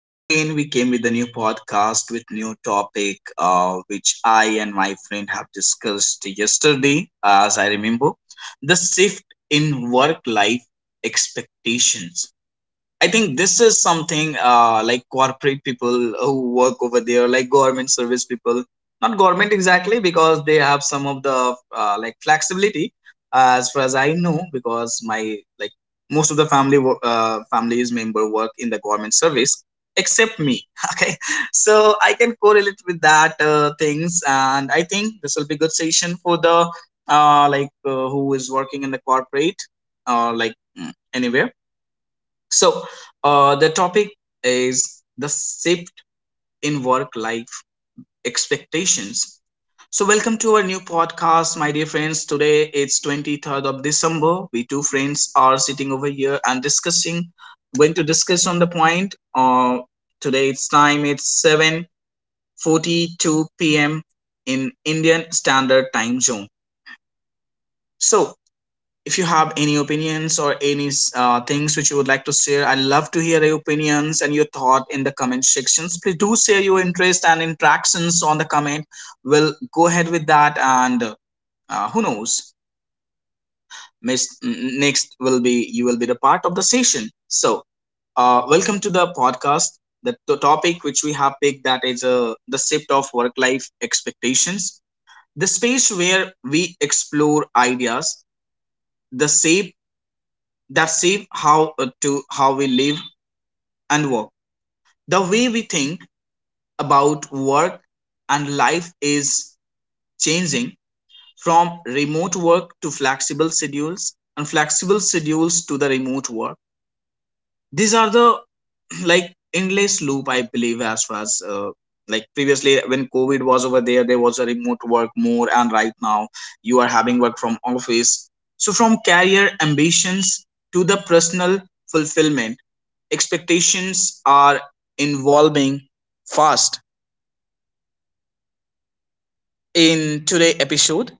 Once again, we came with a new podcast with new topic, which I and my friend have discussed yesterday, as I remember, the shift in work life expectations. I think this is something like corporate people who work over there, like government service people. Not government exactly, because they have some of the like flexibility, as far as I know, because my like most of the families member work in the government service, except me. Okay, so I can correlate with that things, and I think this will be good session for the who is working in the corporate or like anywhere so, the topic is the shift in work life expectations. So, welcome to our new podcast, my dear friends. Today it's 23rd of December. We two friends are sitting over here and discussing, going to discuss on the point. Today it's time, it's 7:42 p.m. in Indian Standard Time Zone. So, if you have any opinions or any things which you would like to share, I love to hear your opinions and your thought in the comment sections. Please do share your interest and interactions on the comment. We'll go ahead with that, and who knows, next will be you will be the part of the session. So welcome to the podcast. The topic which we have picked, that is the shift of work life expectations, the space where we explore ideas, the shape that shape how to how we live and work. The way we think about work and life is changing from remote work to flexible schedules, and flexible schedules to the remote work. These are the like endless loop, I believe, as far as like previously when COVID was over there, there was a remote work more, and right now you are having work from office. So from career ambitions to the personal fulfillment, expectations are evolving fast. In today episode,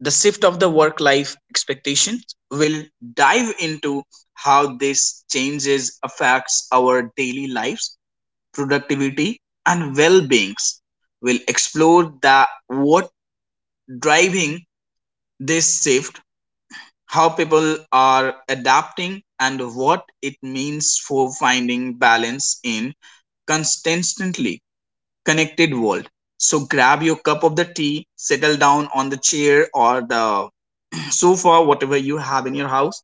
the shift of the work life expectations will dive into how this changes affects our daily lives, productivity, and well beings. We'll explore the what driving this shift, how people are adapting, and what it means for finding balance in constantly connected world. So grab your cup of the tea, settle down on the chair or the sofa, whatever you have in your house,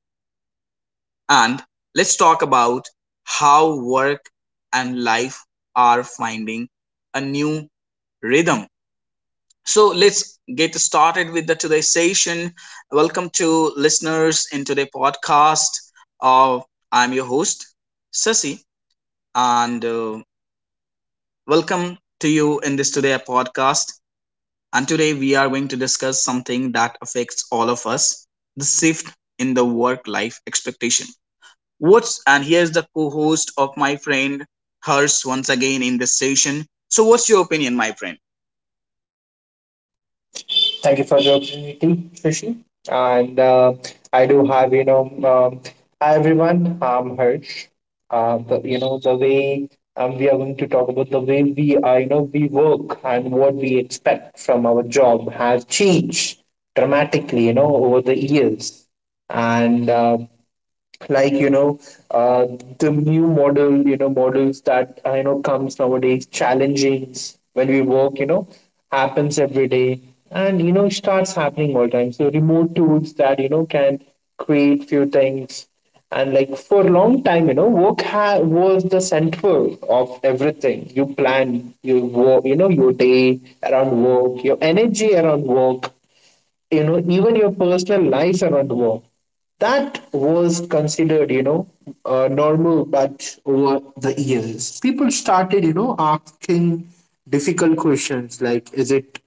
and let's talk about how work and life are finding a new rhythm. So let's get started with the today's session. Welcome to listeners in today's podcast. Uh, I'm your host Sasi, and welcome to you in this today podcast. And today we are going to discuss something that affects all of us: the shift in the work-life expectation. What's, and here's the co-host of my friend Hers once again in this session. So what's your opinion, my friend? Thank you for the opportunity, Rishi. And I do have, you know, Hi everyone, I'm Harsh. The, you know, the way We are going to talk about the way we are, we work and what we expect from our job has changed dramatically, you know, over the years. And like you know uh, the new models that comes nowadays challenging when we work, you know, happens every day and, you know, starts happening all time. So remote tools that, you know, can create few things. And like, for a long time, you know, was the center of everything. You plan, you work, you know, your day around work, your energy around work, you know, even your personal life around war. That was considered, you know, normal, but over the years people started, you know, asking difficult questions like, is it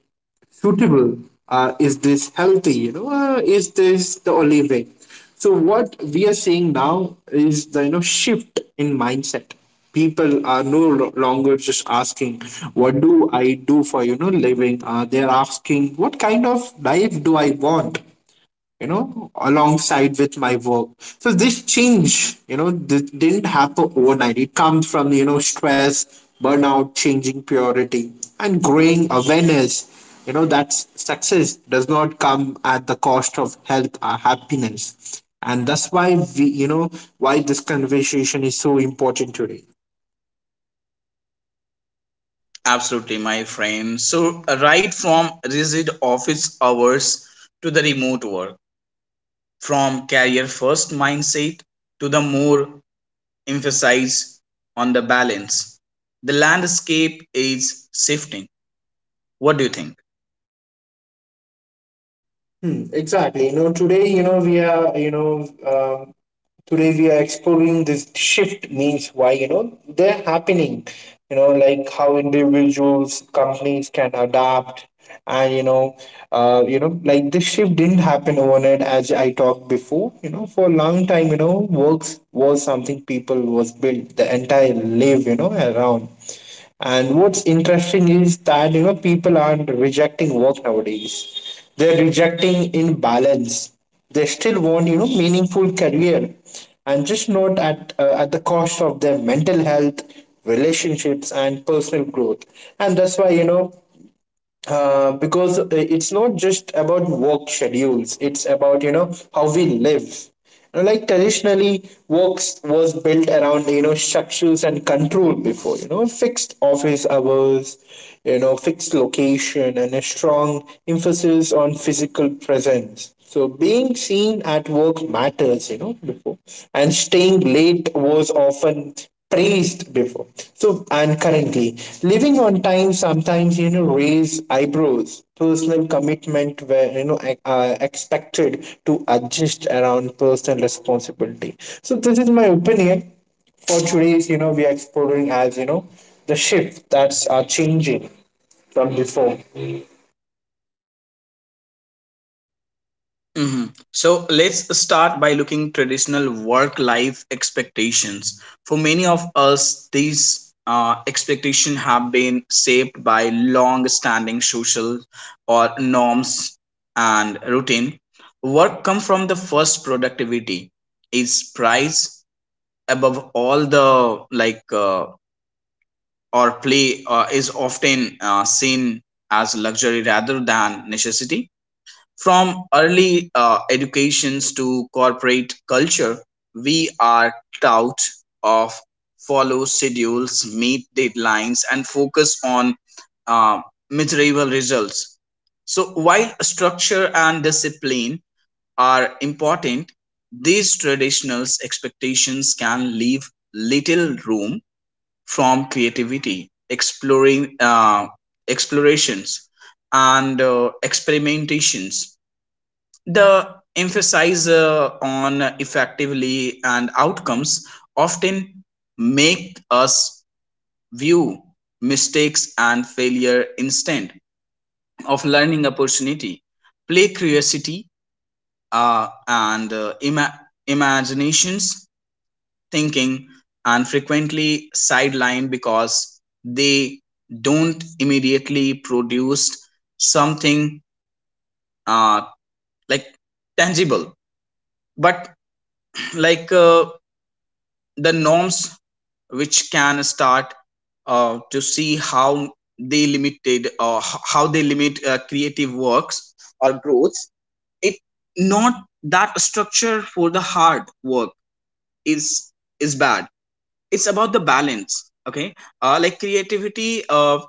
suitable? Is this healthy? You know, is this the only way? So what we are seeing now is the, you know, shift in mindset. People are no lo- longer just asking, "What do I do for, you know, living?" They are asking, "What kind of life do I want?" You know, alongside with my work. So this change, you know, this didn't happen overnight. It comes from, you know, stress, burnout, changing priority, and growing awareness, you know, that success does not come at the cost of health or happiness. And that's why why this conversation is so important today. Absolutely, my friend. So, right from rigid office hours to the remote work, from career first mindset to the more emphasis on the balance, the landscape is shifting. What do you think? Hmm, exactly. You know, today, you know, we are, you know, Today we are exploring this shift, means why, you know, they're happening, you know, like how individuals, companies can adapt. And you know Like this shift didn't happen overnight, as I talked before. You know, for a long time, you know, works was something people was built the entire live, you know, around. And what's interesting is that, you know, people aren't rejecting work nowadays, they're rejecting imbalance. They still want, you know, meaningful career, and just not at the cost of their mental health, relationships, and personal growth. And that's why, you know, because it's not just about work schedules, it's about, you know, how we live. You know, like traditionally, work was built around, you know, structures and control before. You know, fixed office hours, you know, fixed location, and a strong emphasis on physical presence. So being seen at work matters, you know, before, and staying late was often praised before. So, and currently, living on time sometimes, you know, raise eyebrows. Personal commitment where, you know, expected to adjust around personal responsibility. So this is my opinion for today's, you know, we are exploring, as you know, the shift that's are changing from before. Hmm. So let's start by looking traditional work life expectations. For many of us, these expectations have been shaped by long standing social or norms and routine. Work come from the first productivity is price above all the like or play is often seen as luxury rather than necessity. From early educations to corporate culture, we are taught of follow schedules, meet deadlines, and focus on uh, measurable results. So while structure and discipline are important, these traditional expectations can leave little room from creativity, exploring explorations, and experimentations. The emphasis on effectively and outcomes often make us view mistakes and failure instead of learning opportunity, play, curiosity, and imaginations thinking and frequently sidelined because they don't immediately produce something uh, like tangible. But like uh, the norms which can start to see how they limit creative works or growths. It not that structure for the hard work is is bad, it's about the balance. Okay, like creativity,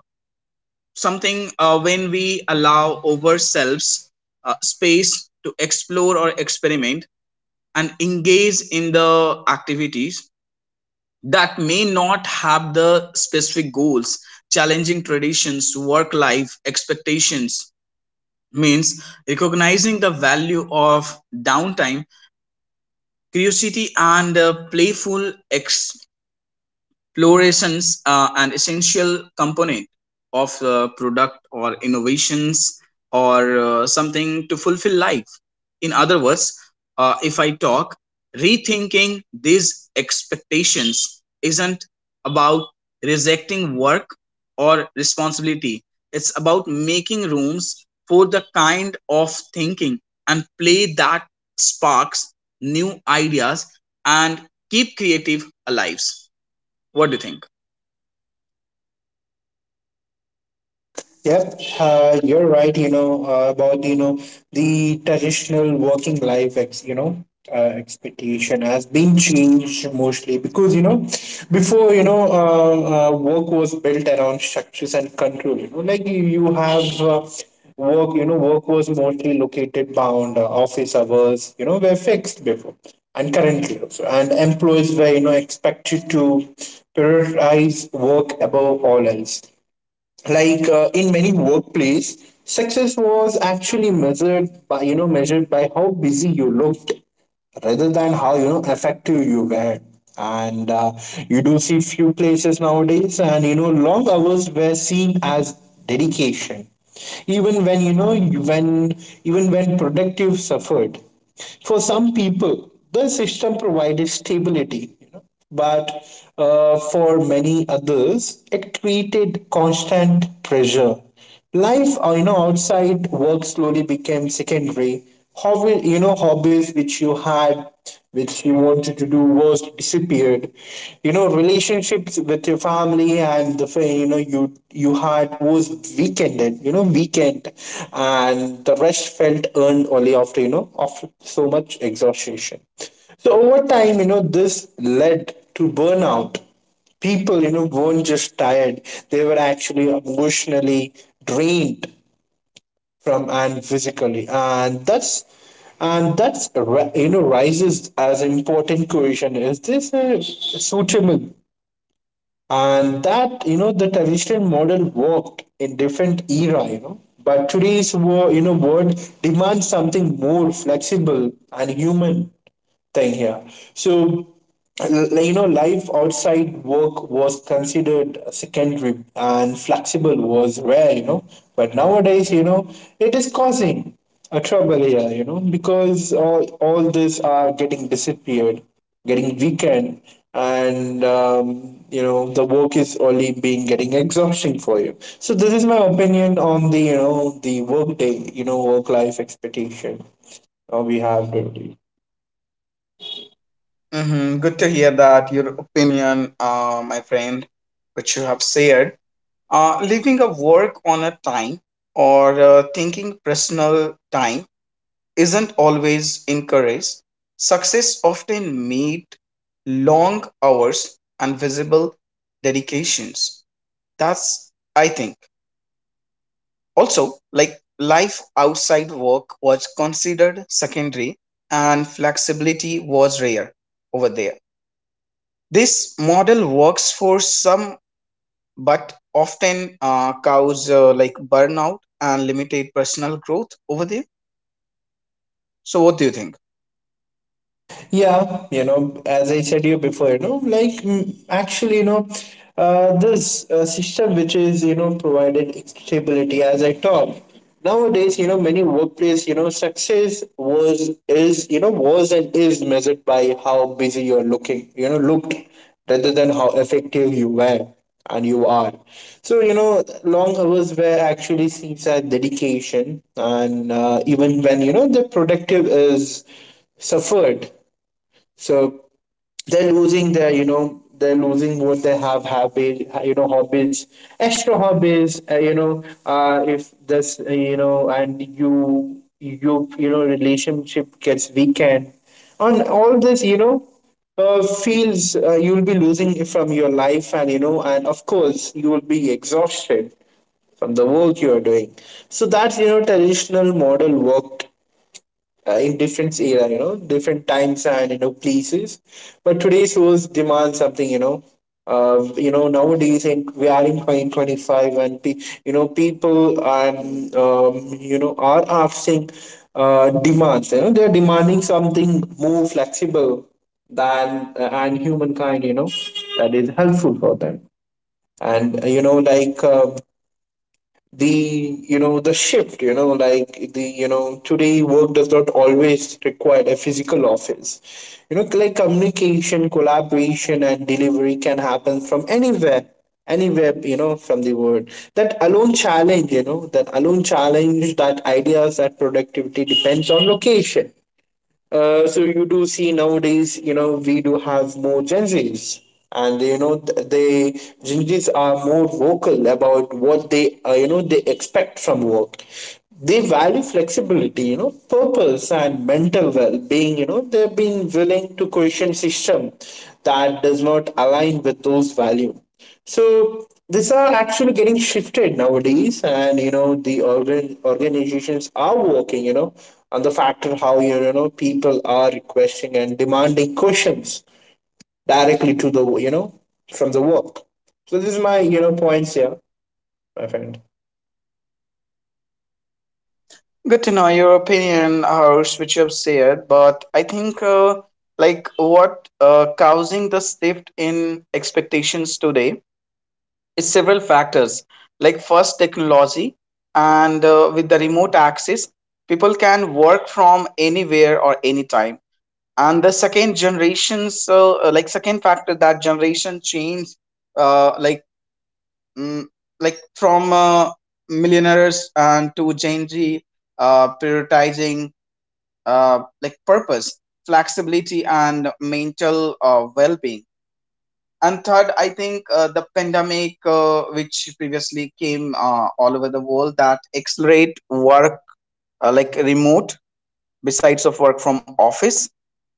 something when we allow ourselves space to explore or experiment and engage in the activities that may not have the specific goals. Challenging traditions, work life expectations means recognizing the value of downtime, curiosity, and playful fluorescence are an essential component of product or innovations or something to fulfill life. In other words, if I talk, rethinking these expectations isn't about rejecting work or responsibility. It's about making rooms for the kind of thinking and play that sparks new ideas and keep creative alive. What do you think? Yep, you're right. You know, about, you know, the traditional working life, expectation has been changed mostly because, you know, before, work was built around structures and control. You know, like you have work. You know, work was mostly located bound office hours. You know, were fixed before and currently also, and employees were, you know, expected to prioritize work above all else. Like in many workplace, success was actually measured by, how busy you looked rather than how, you know, effective you were. And you do see few places nowadays, and you know, long hours were seen as dedication even when, you know, you- when even when productive suffered. For some people, the system provided stability, you know, but for many others, it created constant pressure. Life, you know, outside work slowly became secondary. Hobby, you know, hobbies which you had, which you wanted to do, was disappeared. You know, relationships with your family and you know, you had was weakened. You know, weakened, and the rest felt earned only after, you know, after so much exhaustion. So over time, you know, this led to burnout. People, you know, weren't just tired, they were actually emotionally drained from and physically. And that's you know, rises as important question, is this suitable? And that, you know, the traditional model worked in different era, you know, but today's world, you know, world demands something more flexible and human thing here. So, you know, life outside work was considered secondary and flexible was rare, you know. But nowadays, you know, it is causing a trouble here, you know, because all these are getting disappeared, getting weakened, and, you know, the work is only being getting exhausting for you. So this is my opinion on the, you know, the work day, you know, work life expectation, we have to. Mm-hmm. Good to hear that, your opinion, my friend, which you have shared. Leaving a work on a time or thinking personal time isn't always encouraged. Success often meet long hours and visible dedications. That's, I think. Also, like life outside work was considered secondary and flexibility was rare over there. This model works for some, but often cause like burnout and limited personal growth over there. So, what do you think? Yeah, you know, as I said you before, you know, like actually, you know, this system which is, you know, provided stability, as I talk. Nowadays, you know, many workplace, you know, success was and is measured by how busy you're looking, you know, looked, rather than how effective you were and you are. So, you know, long hours were actually seems as dedication, and even when, you know, the productive is suffered. So they're losing their, you know, they're losing what they have habits, you know, hobbies, extra hobbies, you know, if this you know, and you know, relationship gets weakened. On all this, you know, feels you'll be losing from your life, and you know, and of course you will be exhausted from the work you are doing. So that, you know, traditional model worked in different era, you know, different times and, you know, places. But today's shows demand something, you know. You know, nowadays in, we are in 2025, and, you know, people and, you know, are asking demands. You know, they're demanding something more flexible than, and humankind, you know, that is helpful for them. And, you know, like, the shift, you know, like, the you know today work does not always require a physical office. You know, like communication, collaboration, and delivery can happen from anywhere, anywhere, you know, from the world. That alone challenge, that ideas that productivity depends on location. So you do see nowadays, you know, we do have more Gen Zs, and they, you know, th- they Gen Zs are more vocal about what they, you know, they expect from work. They value flexibility, you know, purpose, and mental well-being. You know, they've been willing to question system that does not align with those values. So these are actually getting shifted nowadays, and you know, the organizations are working, you know, and the factor how, you know, people are requesting and demanding questions directly to the, you know, from the work. So this is my, you know, points here, my friend. Good to know your opinion, Harsh, which you have said, but I think like what causing the shift in expectations today is several factors. Like first, technology, and with the remote access, people can work from anywhere or anytime. And the second generation, so like second factor, that generation change, uh, like mm, like from millionaires and to Gen Z, prioritizing like purpose, flexibility and mental well-being. And third, I think the pandemic, which previously came all over the world, that accelerate work, like remote besides of work from office.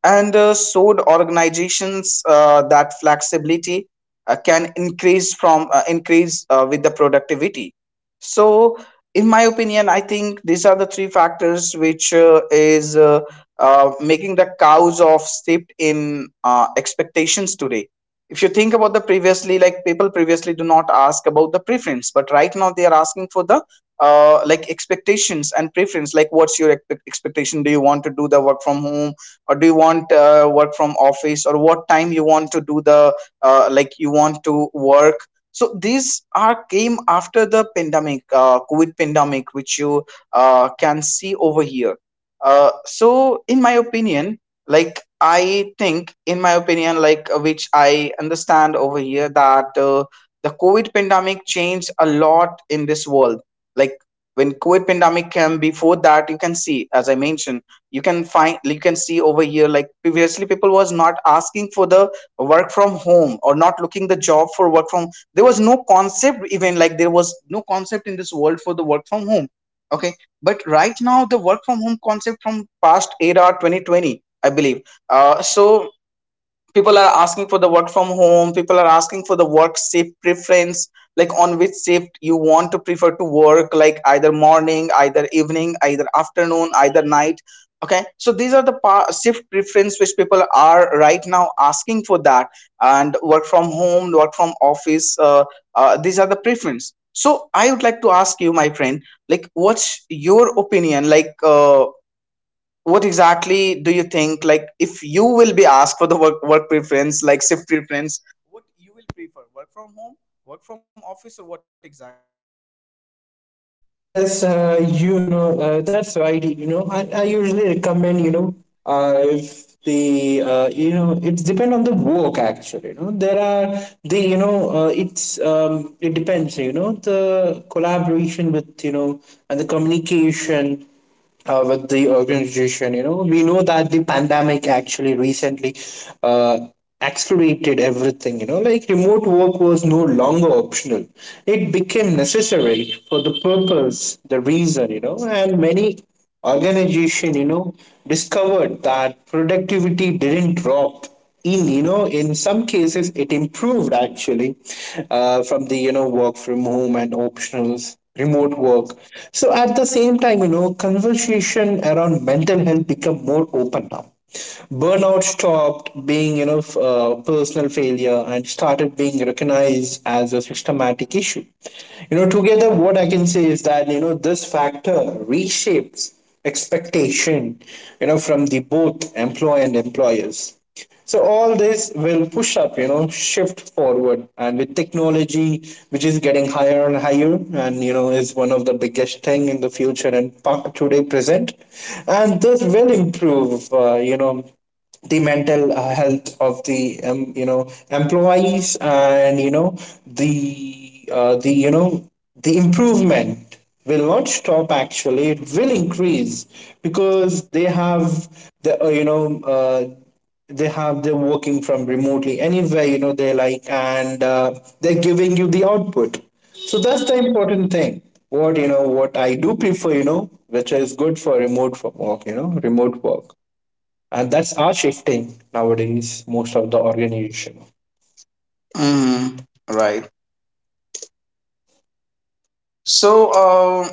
And so the organizations, that flexibility can increase with the productivity. So in my opinion, I think these are the three factors which is making the cows of shift in expectations today. If you think about the previously, like people previously do not ask about the preference, but right now they are asking for the like expectations and preference, like what's your expectation. Do you want to do the work from home, or do you want work from office, or what time you want to do the like you want to work. So these are came after the pandemic, COVID pandemic, which you can see over here. So in my opinion, like I think in my opinion, which I understand over here, that the COVID pandemic changed a lot in this world. Like when COVID pandemic came, before that you can see, as I mentioned, you can find, you can see over here, like previously people was not asking for the work from home or not looking the job for work from, there was no concept even, like there was no concept in this world for the work from home. Okay, but right now the work from home concept from past era 2020, I believe. So people are asking for the work from home, people are asking for the work shift preference, like on which shift you want to prefer to work, like either morning, either evening, either afternoon, either night. Okay, so these are the shift preference which people are right now asking for that. And work from home, work from office, these are the preference. So I would like to ask you, my friend, like what's your opinion, like what exactly do you think, like if you will be asked for the work preference, like shift. Yes, you know, that's right. You know, I usually recommend, you know, if the, you know, it's depend on the work actually. You know, there are the, you know, it depends, you know, the collaboration with, you know, and the communication with the organization. You know, we know that the pandemic actually recently uh, accelerated everything. You know, like remote work was no longer optional; it became necessary for the purpose, the reason. You know, and many organization, you know, discovered that productivity didn't drop. In, you know, in some cases it improved, actually, from the, you know, work from home and optionals remote work. So at the same time, you know, conversation around mental health become more open now. Burnout stopped being, you know, personal failure and started being recognized as a systematic issue. You know, together, what I can say is that, you know, this factor reshapes expectation, you know, from the both employee and employers. So all this will push up, you know, shift forward. And with technology, which is getting higher and higher, and you know, is one of the biggest thing in the future and today present, and this will improve, you know, the mental health of the, you know, employees. And you know, the you know, the improvement will not stop, actually it will increase because they have the, they have, they're working from remotely anywhere, you know, they like, and they're giving you the output. So that's the important thing. What, you know, what I do prefer, you know, which is good for remote for work, you know, remote work, and that's our shifting nowadays most of the organization. Mm, right. So,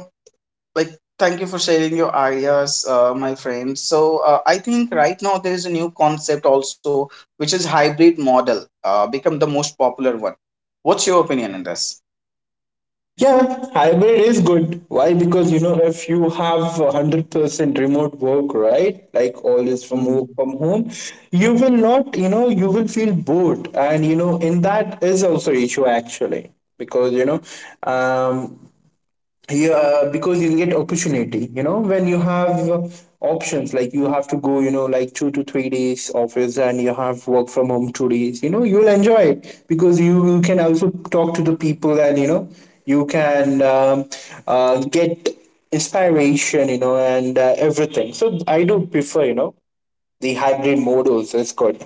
like, thank you for sharing your ideas, my friend. So, I think right now there is a new concept also, which is hybrid model, become the most popular one. What's your opinion on this? Yeah, hybrid is good. Why? Because if you have 100% remote work, right? Like all is from work from home, you will not, you will feel bored, and in that is also issue actually, because um, yeah, because you'll get opportunity when you have options. Like you have to go like 2 to 3 days office, and you have work from home 2 days. You know you'll enjoy it because you can also talk to the people, and you can get inspiration, and everything. So I do prefer, the hybrid mode also is good.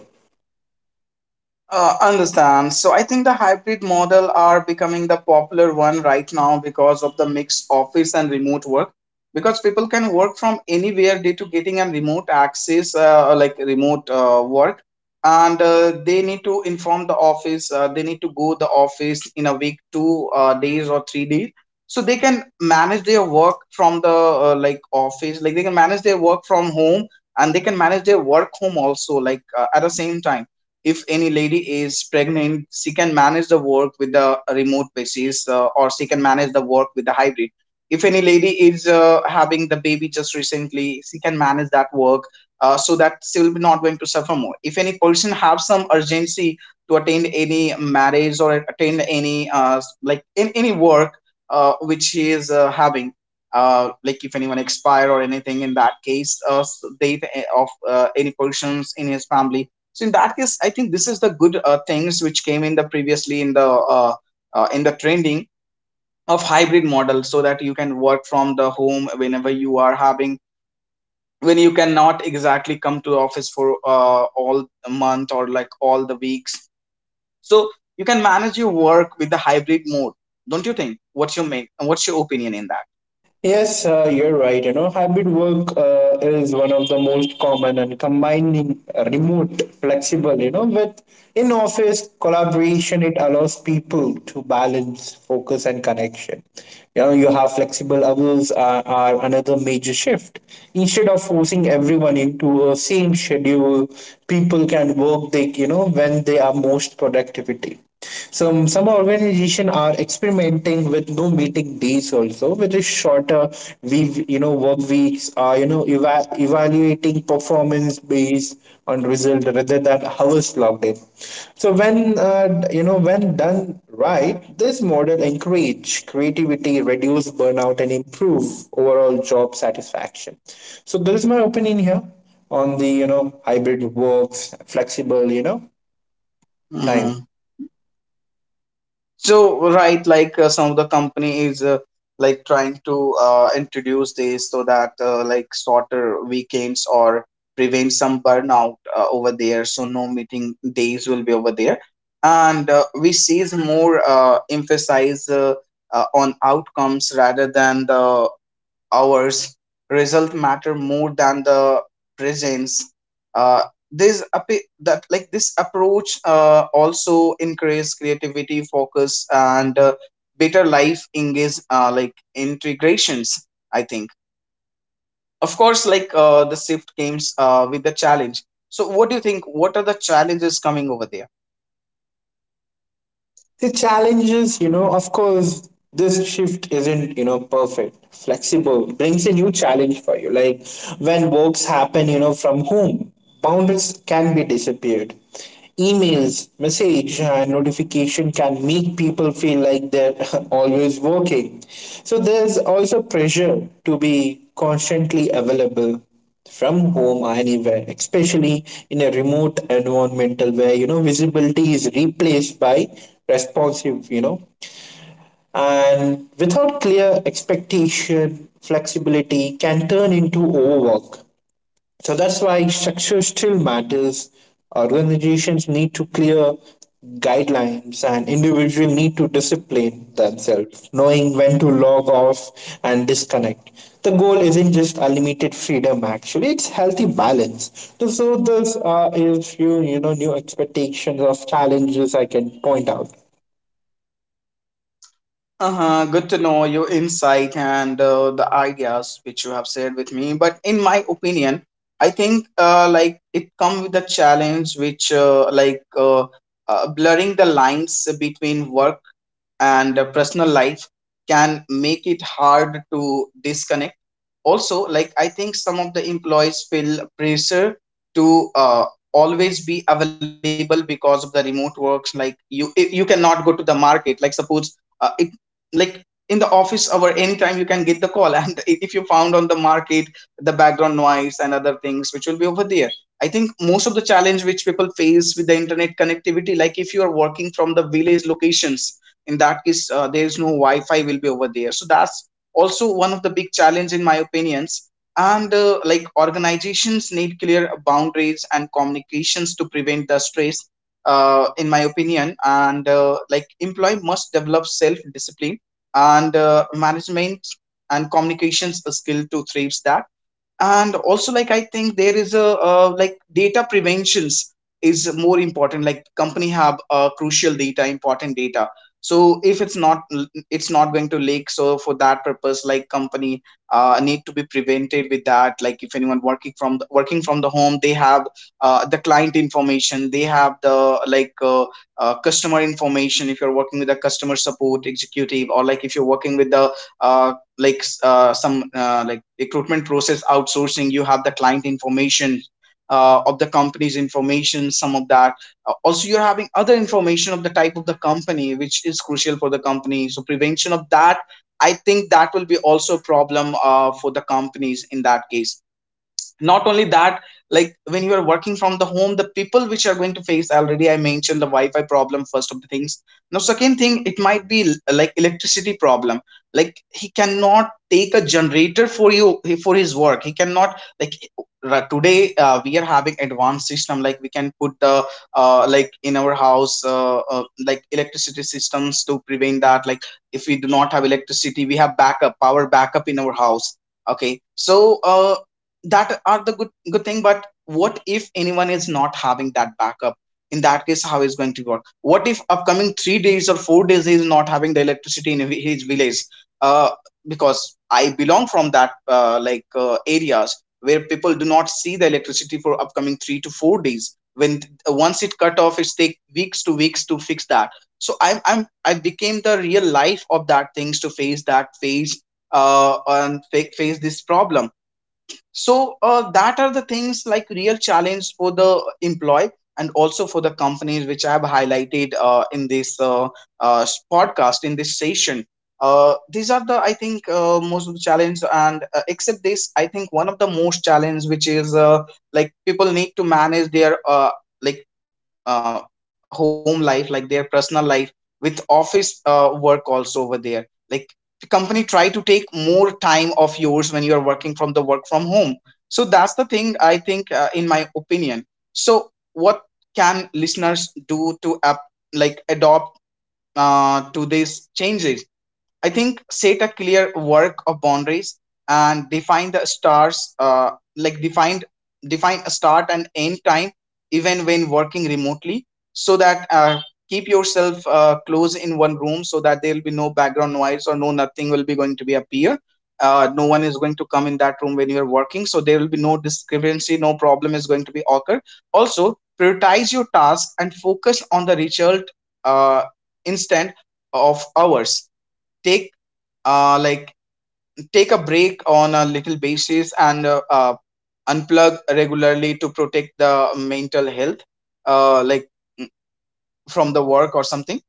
Understand. So I think the hybrid model are becoming the popular one right now because of the mixed office and remote work. Because people can work from anywhere due to getting a remote access, like remote work, and they need to inform the office. They need to go the office in a week, two days or 3 days, so they can manage their work from the like office. Like they can manage their work from home, and they can manage their work home also, like at the same time, if any lady is pregnant, she can manage the work with the remote basis, or she can manage the work with the hybrid. If any lady is having the baby just recently, she can manage that work so that she will be not going to suffer more. If any person have some urgency to attend any marriage or attend any like in any work which he is having, like if anyone expire or anything in that case, death of any persons in his family. So in that case, I think this is the good things which came in the previously in the trending of hybrid model, so that you can work from the home whenever you are having when you cannot exactly come to office for all the month or like all the weeks. So you can manage your work with the hybrid mode, don't you think? What's your main? What's your opinion in that? Yes, you're right. You know, hybrid work is one of the most common, and combining remote, flexible, you know, with in office collaboration, it allows people to balance focus and connection. You know, you have flexible hours are another major shift. Instead of forcing everyone into a same schedule, people can work, they, you know, when they are most productivity. Some organizations are experimenting with no meeting days also, which is shorter. We, you know, work weeks are, you know, evaluating performance based on result rather than hours logged in. So when you know, when done right, this model encourage creativity, reduce burnout, and improve overall job satisfaction. So this is my opinion here on the, you know, hybrid works, flexible, you know, time. Mhm. So, right, like some of the company is like trying to introduce this so that like shorter weekends or prevent some burnout over there. So no meeting days will be over there, and we sees more emphasize on outcomes rather than the hours. Result matter more than the presence. uh, that like this approach also encourages creativity focus and better life engage, like integrations, I think. Of course, like the shift comes with the challenge. So what do you think, what are the challenges coming over there? The challenges, you know, of course, this shift isn't, you know, perfect. Flexible brings a new challenge for you. Like when works happen, you know, from home, boundaries can be disappeared. Emails, message, and notification can make people feel like they're always working. So there's also pressure to be constantly available from home or anywhere, especially in a remote environmental where, you know, visibility is replaced by responsive, you know, and without clear expectation, flexibility can turn into overwork. So that's why structure still matters. Organizations need to clear guidelines, and individuals need to discipline themselves, knowing when to log off and disconnect. The goal isn't just unlimited freedom actually, it's healthy balance. So those are a few, you know, new expectations of challenges I can point out. Uh-huh, good to know your insight and the ideas which you have shared with me. But in my opinion, I think like it come with a challenge which blurring the lines between work and personal life can make it hard to disconnect. Also, like I think some of the employees feel pressure to always be available because of the remote works. Like you cannot go to the market. Like suppose it like in the office hour anytime you can get the call and if you found on the market the background noise and other things which will be over there. I think most of the challenge which people face with the internet connectivity, like if you are working from the village locations, in that case there is no wi-fi will be over there, so that's also one of the big challenge in my opinions. And like organizations need clear boundaries and communications to prevent the stress in my opinion. And like employee must develop self discipline and management and communications a skill to thrive that. And also, like I think there is a like data preventions is more important. Like company have crucial data, important data, so if it's not, it's not going to leak. So for that purpose, like company need to be prevented with that. Like if anyone working from the home, they have the client information, they have the customer information. If you're working with a customer support executive, or like if you're working with the uh, some like recruitment process outsourcing, you have the client information, of the company's information, some of that. Also you're having other information of the type of the company which is crucial for the company, so prevention of that, I think that will be also a problem for the companies in that case. Not only that, like when you are working from the home, the people which are going to face, already I mentioned the wi-fi problem first of the things. Now second thing, it might be like electricity problem. Like he cannot take a generator for you for his work. He cannot like today we are having advanced system, like we can put the like in our house like electricity systems to prevent that. Like if we do not have electricity, we have backup power, backup in our house. Okay, so uh, that are the good thing. But what if anyone is not having that backup, in that case how is going to work? What if upcoming 3 days or 4 days he is not having the electricity in his village, uh, because I belong from that areas where people do not see the electricity for upcoming 3 to 4 days. When once it cut off, it take weeks to weeks to fix that. So I became the real life of that things to face that phase and face this problem. So that are the things like real challenge for the employee and also for the companies which I have highlighted in this uh, podcast, in this session. Uh, these are the I think most of the challenge. And except this, I think one of the most challenge which is like people need to manage their like uh, home life, like their personal life with office work also over there. Like the company try to take more time of yours when you are working from the work from home. So that's the thing I think in my opinion. So what can listeners do to up like adopt to these changes? I think set a clear work of boundaries and define the stars, like defined define a start and end time, even when working remotely, so that keep yourself close in one room, so that there will be no background noise or no nothing will be going to be appear. No one is going to come in that room when you are working, so there will be no discrepancy, no problem is going to be occur. Also, prioritize your task and focus on the result uh, instead of hours. Take like take a break on a little basis and unplug regularly to protect the mental health uh, like mm, from the work or something.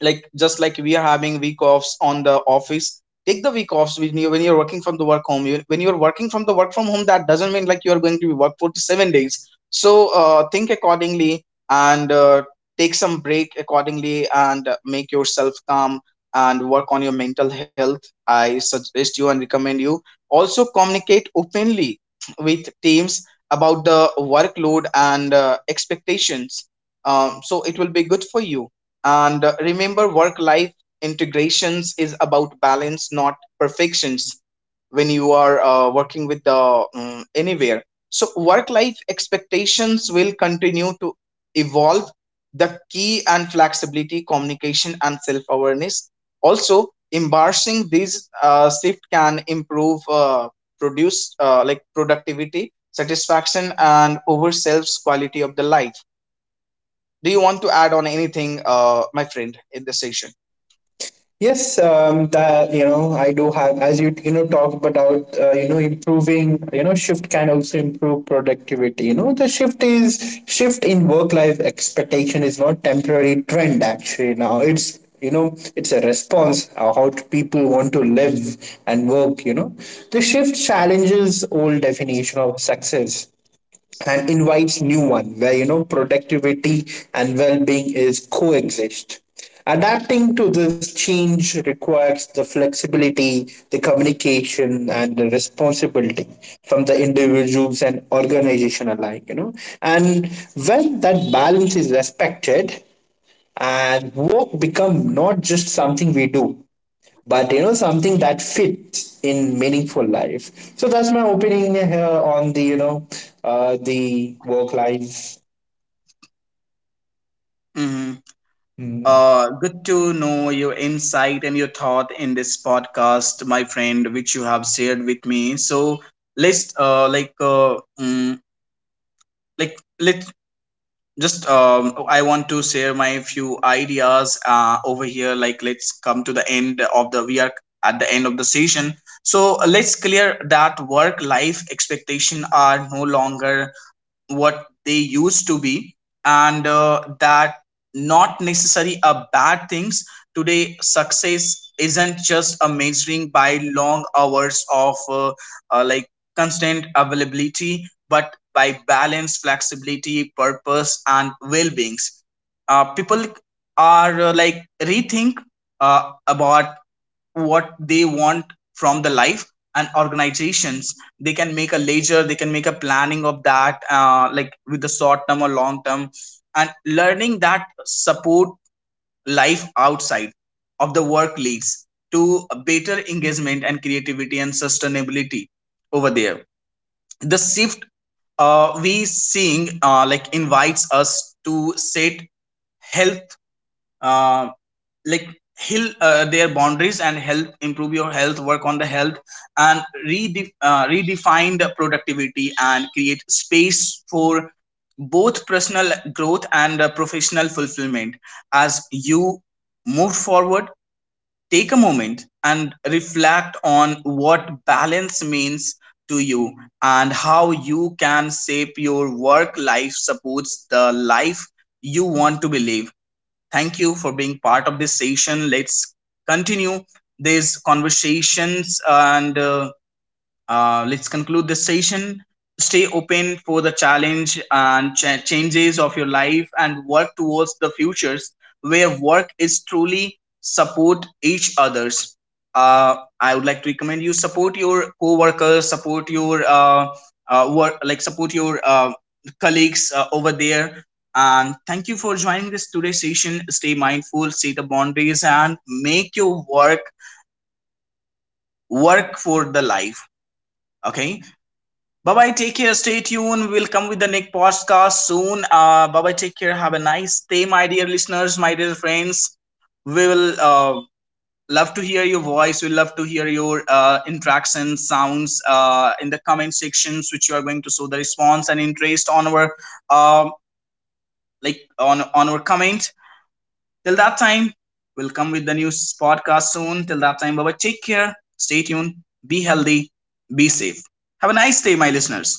Like just like we are having week offs on the office, take the week offs when you're working from the work home you, when you're working from the work from home, that doesn't mean like you're going to be work for 7 days. So think accordingly, and take some break accordingly, and make yourself calm and work on your mental health. I suggest you and recommend you. Also communicate openly with teams about the workload and expectations, so it will be good for you. And remember, work life integrations is about balance, not perfections, when you are working with the anywhere. So, work life expectations will continue to evolve. The key and flexibility, communication, and self awareness. Also, embarrassing these shift can improve produce like productivity, satisfaction, and over self's quality of the life. Do you want to add on anything, my friend, in this session? Yes, that, you know, I do have. As you know talked about, you know, improving, you know, shift can also improve productivity. You know, the shift is shift in work life expectation is not temporary trend actually. Now it's, you know, it's a response, how to people want to live and work. You know, the shift challenges old definition of success and invites new one where, you know, productivity and well-being is coexist. Adapting to this change requires the flexibility, the communication, and the responsibility from the individuals and organization alike, you know. And when that balance is respected, and work become not just something we do, but, you know, something that fits in meaningful life. So that's my opinion here on the, you know, the work life Hmm. Good to know your insight and your thought in this podcast, my friend, which you have shared with me. So let's like mm, like let just I want to share my few ideas over here. Like let's come to the end of the we are at the end of the session. So let's clear that work life expectation are no longer what they used to be. And that not necessarily a bad things. Today, success isn't just a measuring by long hours of like constant availability, but by balance, flexibility, purpose and well-beings. Uh, people are like rethink about what they want from the life. And organizations, they can make a ledger, they can make a planning of that, like with the short term or long term. And learning that support life outside of the work leads to a better engagement and creativity and sustainability over there. The shift we seeing, like invites us to set health um like heal their boundaries and help improve your health, work on the health, and redefine the productivity and create space for both personal growth and professional fulfillment. As you move forward, take a moment and reflect on what balance means to you, and how you can shape your work life supports the life you want to believe. Thank you for being part of this session. Let's continue these conversations, and let's conclude this session. Stay open for the challenge and changes of your life, and work towards the futures where work is truly support each others. I would like to recommend you support your co-workers, support your work, like support your colleagues over there. And thank you for joining this today's session. Stay mindful, stay the boundaries, and make your work work for the life. Okay. Bye bye. Take care. Stay tuned. We'll come with the next podcast soon. Bye bye. Take care. Have a nice day, my dear listeners, my dear friends. We will love to hear your voice. We love to hear your interactions, sounds in the comment sections, which you are going to show the response and interest on our um on our comment. Till that time, we'll come with the new podcast soon. Till that time, bye bye. Take care. Stay tuned. Be healthy. Be safe. Have a nice day, my listeners.